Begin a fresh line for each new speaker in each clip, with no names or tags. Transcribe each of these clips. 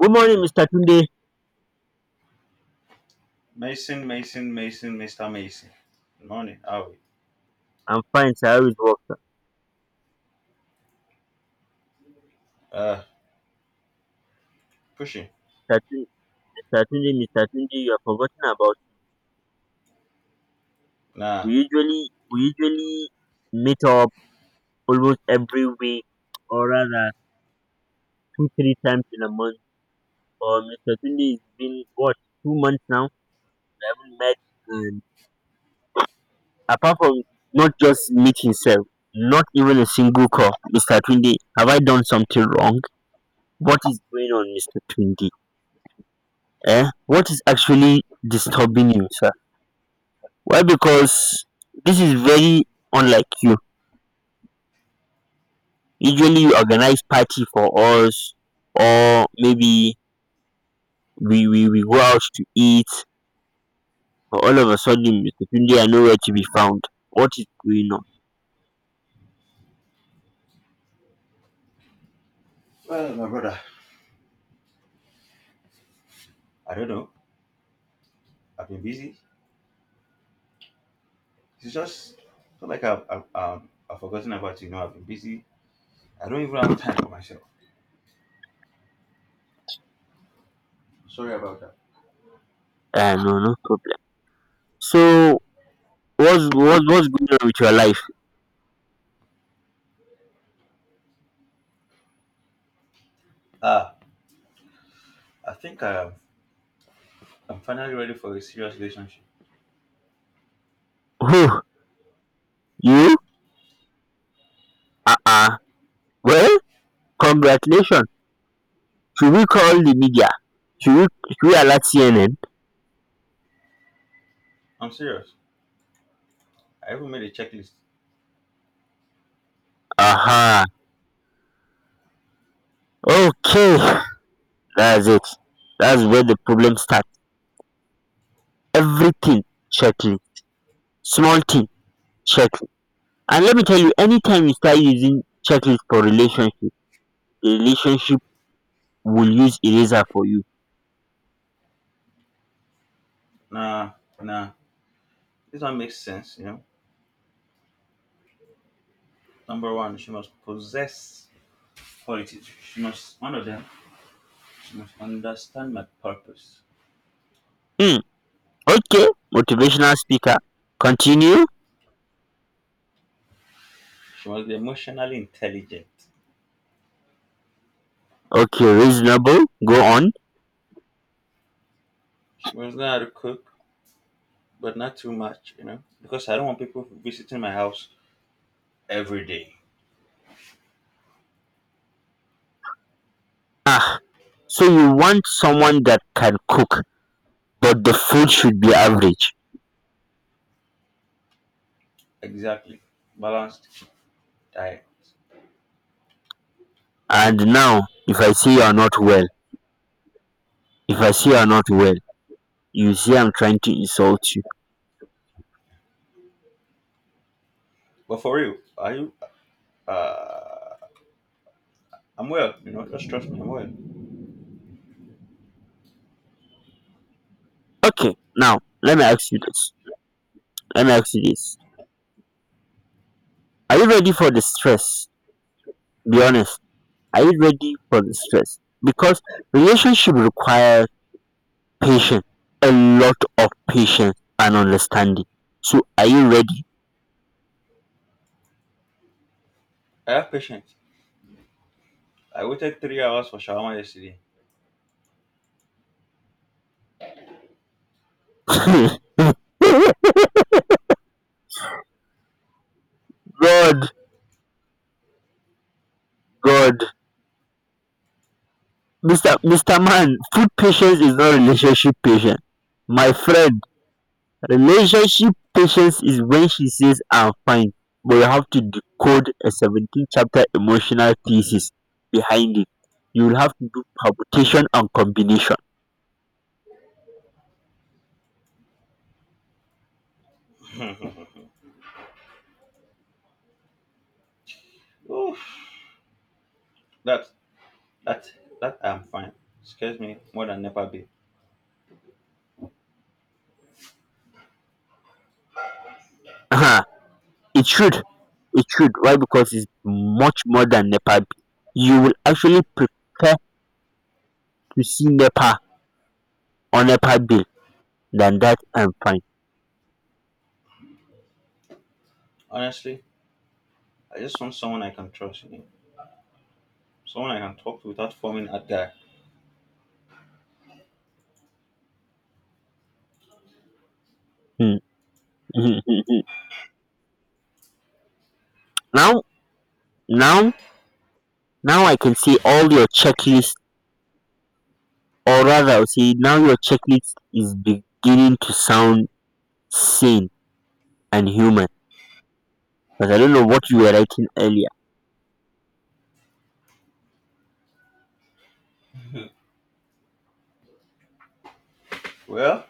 Good morning, Mr. Tunde.
Mason, Mason, Mason, Mr. Mason. Good morning. How are we?
I'm fine, sir. How is work, sir?
Uh, Pushing.
Mr. Tunde, Mr. Tunde, Mr. Tunde, you have forgotten about. We
Nah.
usually we usually meet up almost every week, or rather two three times in a month. But Mr. Tunde, it's been what, 2 months now. We haven't met, and apart from not just meeting self, not even a single call, Mr. Tunde. Have I done something wrong? What is going on, Mr. Tunde? Eh? What is actually disturbing you, sir? Why, because this is very unlike you. Usually you organize party for us, or maybe we go out to eat, but all of a sudden Mr. Tunde are nowhere to be found. What is going on?
Well, my brother. I don't know. I've been busy. It's not like I've forgotten about you. I've been busy. I don't even have time for myself. Sorry about that.
No, no problem. So what's going on with your life?
Ah, I think I've, I'm finally ready for a serious relationship.
Who, you? Uh uh Well, congratulations. Should we call the media? Should we alert CNN?
I'm serious. I even made a checklist.
Aha. Uh-huh. Okay. That's it. That's where the problem starts. Everything checklist, small thing checklist, and let me tell you, anytime you start using checklist for relationship, the relationship will use eraser for you.
Nah, nah. This one makes sense, you know. Number one, she must possess qualities. She must, one of them, she must understand my purpose.
Hmm. Okay, motivational speaker, continue.
She must be emotionally intelligent.
Okay, reasonable, go on.
She must know how to cook, but not too much, you know, because I don't want people visiting my house every day.
Ah, so you want someone that can cook, but the food should be average.
Exactly. Balanced diet.
And now, if I say you are not well if I say you are not well, you say I'm trying to insult you.
But for real, are you? Uh, I'm well, you know, just trust me, I'm well.
Okay, now, let me ask you this. Are you ready for the stress? Be honest. Are you ready for the stress? Because relationship requires patience, a lot of patience and understanding. So are you ready?
I have patience. I waited three hours for shawarma yesterday.
God, God, Mr. Man, food patience is not relationship patience. My friend, relationship patience is when she says, "I'm fine," but you have to decode a 17 chapter emotional thesis behind it. You'll have to do permutation and combination.
Oof, that, that, that I'm fine. Scares me more than never be.
Aha, it should. It should. Why? Because it's much more than NEPA bill. You will actually prefer to see NEPA on NEPA bill than that I'm fine.
Honestly, I just want someone I can trust, you know, someone I can talk to without forming a guy.
Hmm. Hmm, hmm, hmm. Now, now, now I can see all your checklists. Or rather, I would say now your checklist is beginning to sound sane and human, because I don't know what you were writing earlier.
Well,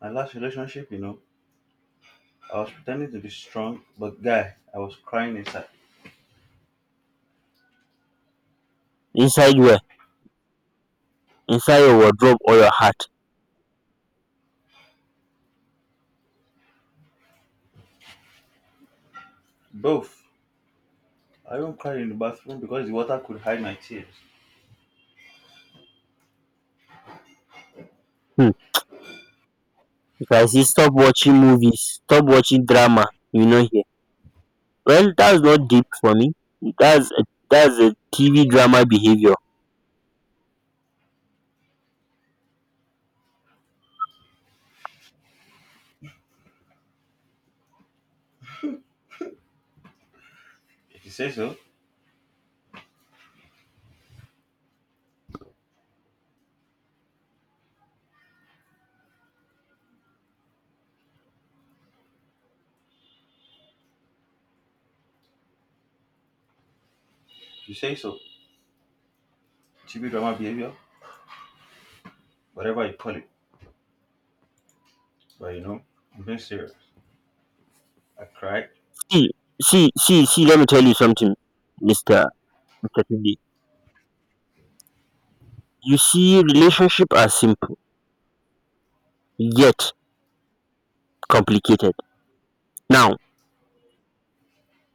my last relationship, you know, I was pretending to be strong, but guy, I was crying inside.
Inside where? Inside your wardrobe or your heart.
Both. I even cried in the bathroom because the water could hide my tears.
Hmm. Because I say stop watching movies, stop watching drama, you know, here. Well, that's not deep for me. That's a, that's a TV drama behavior.
If you say so, if you say so. TV drama behavior, whatever you call it. But you know, I'm being serious. I cried.
See, see, let me tell you something, Mr. Mr. Tunde. You see, relationship are simple, yet complicated. Now,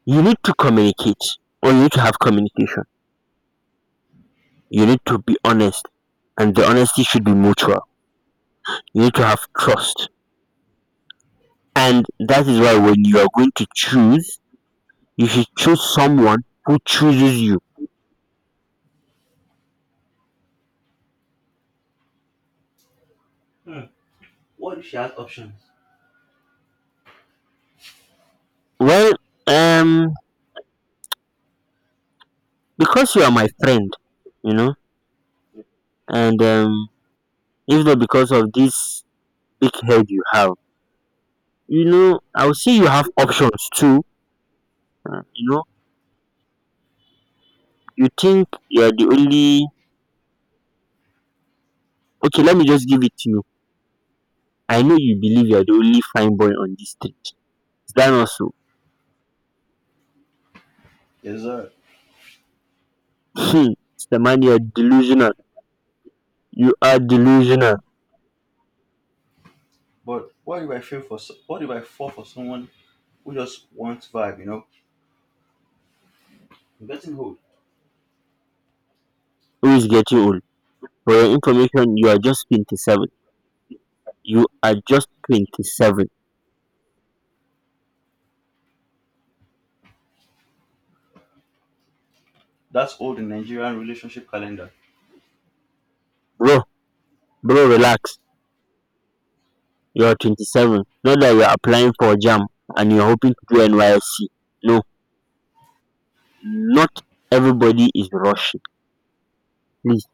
you need to communicate, or you need to have communication. You need to be honest, and the honesty should be mutual. You need to have trust, and that is why when you are going to choose, you should choose someone who chooses you. Well, um because you are my friend, you know, and if not because of this big head you have, you know, I would say you have options too. You know you think you are the only... Okay, let me just give it to you. I know you believe you're the only fine boy on this street, is that not so?
Yes, sir.
Hmm, Mr. Man, you're delusional, you are delusional.
But what if I feel for? So- What if I fall for someone who just wants vibe? You know, I'm getting old.
Who is getting old? For your information, you are just 27. You are just 27.
That's old in Nigerian relationship calendar.
Bro, bro, relax. You are 27. Not that you're applying for a jam and you're hoping to do NYSC. No, not everybody is rushing. Please,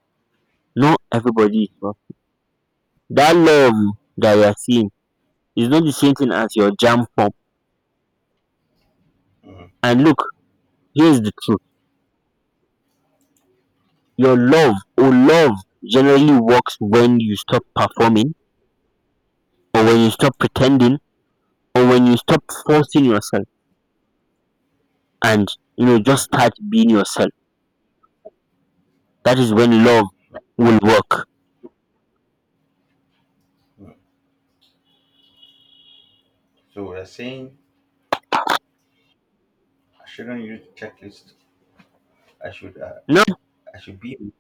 not everybody is rushing. That love that you're seeing is not the same thing as your jam form. And look, here's the truth. Your love, or love generally, works when you stop performing, or when you stop pretending, or when you stop forcing yourself, and you know,
Hmm.
just start being yourself. That is when love will work.
Hmm. So they're saying I shouldn't use checklist. I should.
No,
I should be. Is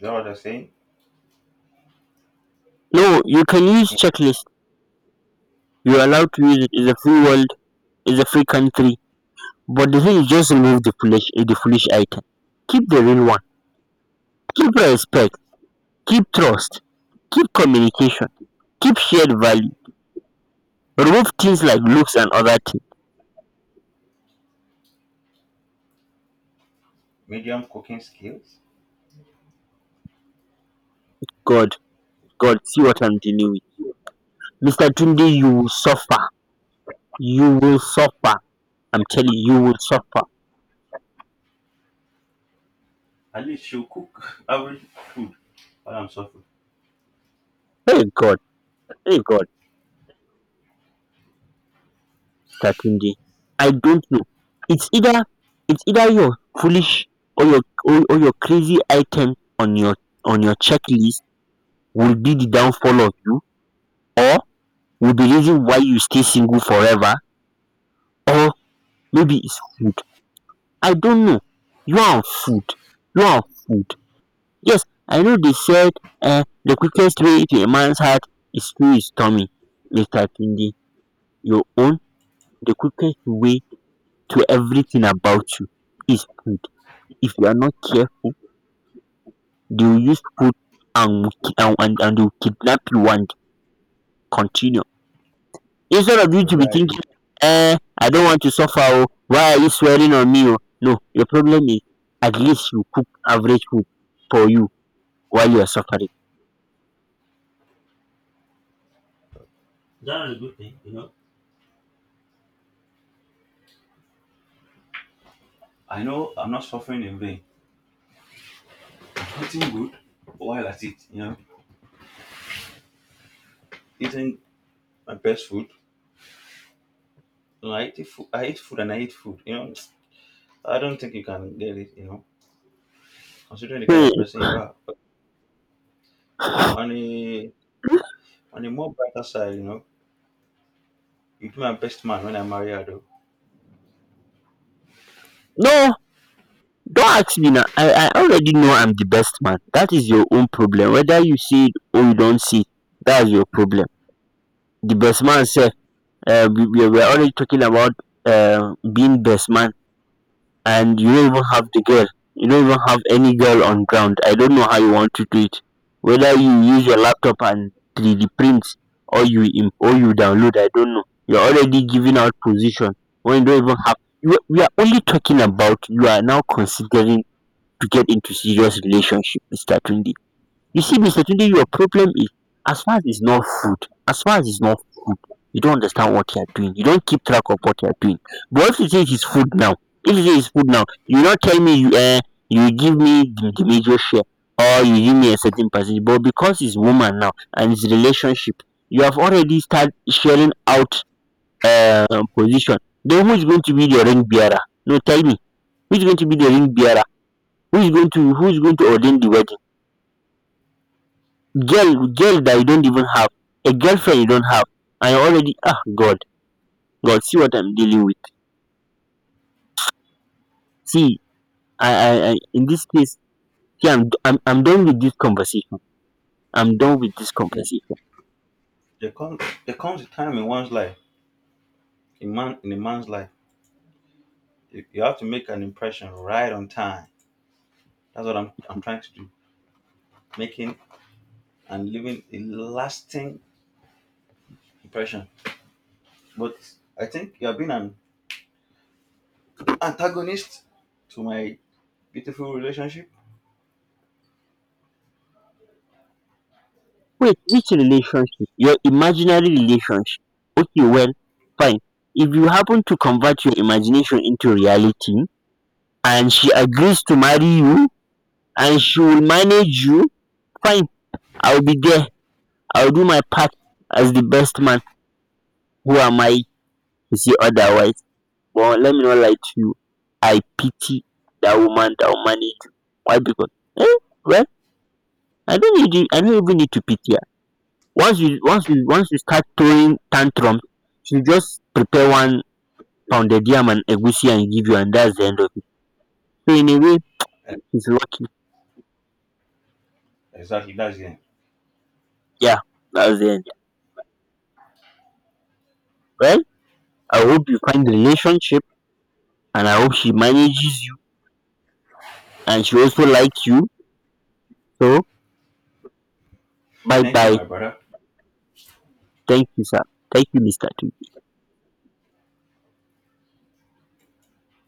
that what they're saying?
no, you can use checklist. You're allowed to use it. It's a free world. It's a free country. But the thing is, just remove the foolish item. Keep the real one. Keep respect. Keep trust. Keep communication. Keep shared value. Remove things like looks and other things.
Medium cooking skills.
God, God, see what I'm dealing with. Mr. Tunde, you will suffer. You will suffer. I'm telling you, you will suffer.
At least she'll cook average food while I'm suffering.
Hey God, hey God, Mr. Tunde. I don't know. It's either it's either your foolish, or your crazy item on your checklist will be the downfall of you, or will be the reason why you stay single forever, or maybe it's food. I don't know. You are on food. You are on food. Yes, I know they said, the quickest way to a man's heart is through his tummy. Mr. Tunde, your own, the quickest way to everything about you, is food. If you are not careful, they will use food, and they will kidnap you and continue. Instead of you
But
to be
guy, you-
thinking, I don't want to suffer, oh, why are you swearing on me? Oh? No, your problem is, at least you cook average food for you while you are suffering.
That's a good thing, you know. I know I'm not suffering in vain. I'm eating good while at it, you know, eating my best food. You know, I eat food. I eat food and I eat food. You know, I don't think you can get it. You know, considering the kind of person you are.
Hmm.
On a on a more brighter side, you know, you be my best man when I marry her. Though
No, don't ask me now. I already know I'm the best man. That is your own problem. Whether you see it or you don't see it, that's your problem. The best man said, we were already talking about, being best man, and you don't even have the girl. You don't even have any girl on ground. I don't know how you want to do it. Whether you use your laptop and 3D print, or you download, I don't know. You're already giving out position when you don't even have. We are only talking about. You are now considering to get into serious relationship, Mr. Tunde. You see, Mr. Tunde, your problem is, as far as it's not food, as far as it's not food, you don't understand what you're doing. You don't keep track of what you're doing. But if you say it's food now, if you say it's food now, you not tell me you, you give me the major share, or you give me a certain percentage. But because it's woman now and it's relationship, you have already started sharing out, uh, position. Then who is going to be the ring bearer? No, tell me. Who is going to be the ring bearer? Who is going to ordain the wedding? Girl that you don't even have, a girlfriend you don't have, and you already... Ah God, God, see what I'm dealing with. See. I, in this case, see, I'm done with this conversation. I'm done with this
You know,
conversation
there comes there comes a time in one's life, in a man's life, you have to make an impression right on time. That's what I'm trying to do, making and leaving a lasting impression. But I think you have been an antagonist to my beautiful relationship.
Wait, which relationship? Your imaginary relationship? Okay, well, fine. If you happen to convert your imagination into reality, and she agrees to marry you, and she will manage you, fine, I'll be there. I'll do my part as the best man. Who am I to say otherwise? But let me not lie to you, I pity that woman that will manage. Why? Because, eh, well, I don't need you. I don't even need to pity her. Once you start throwing tantrums, she just prepare one pound pounded yam and egusi, and give you, and that's the end of it. So in a way,
Eh,
she's lucky.
exactly, that's it.
Yeah, that's the end. Well, I hope you find the relationship, and I hope she manages you, and she also likes you. So bye
Thank you,
bye.
my brother.
Thank you, sir. Thank you, Mr. T.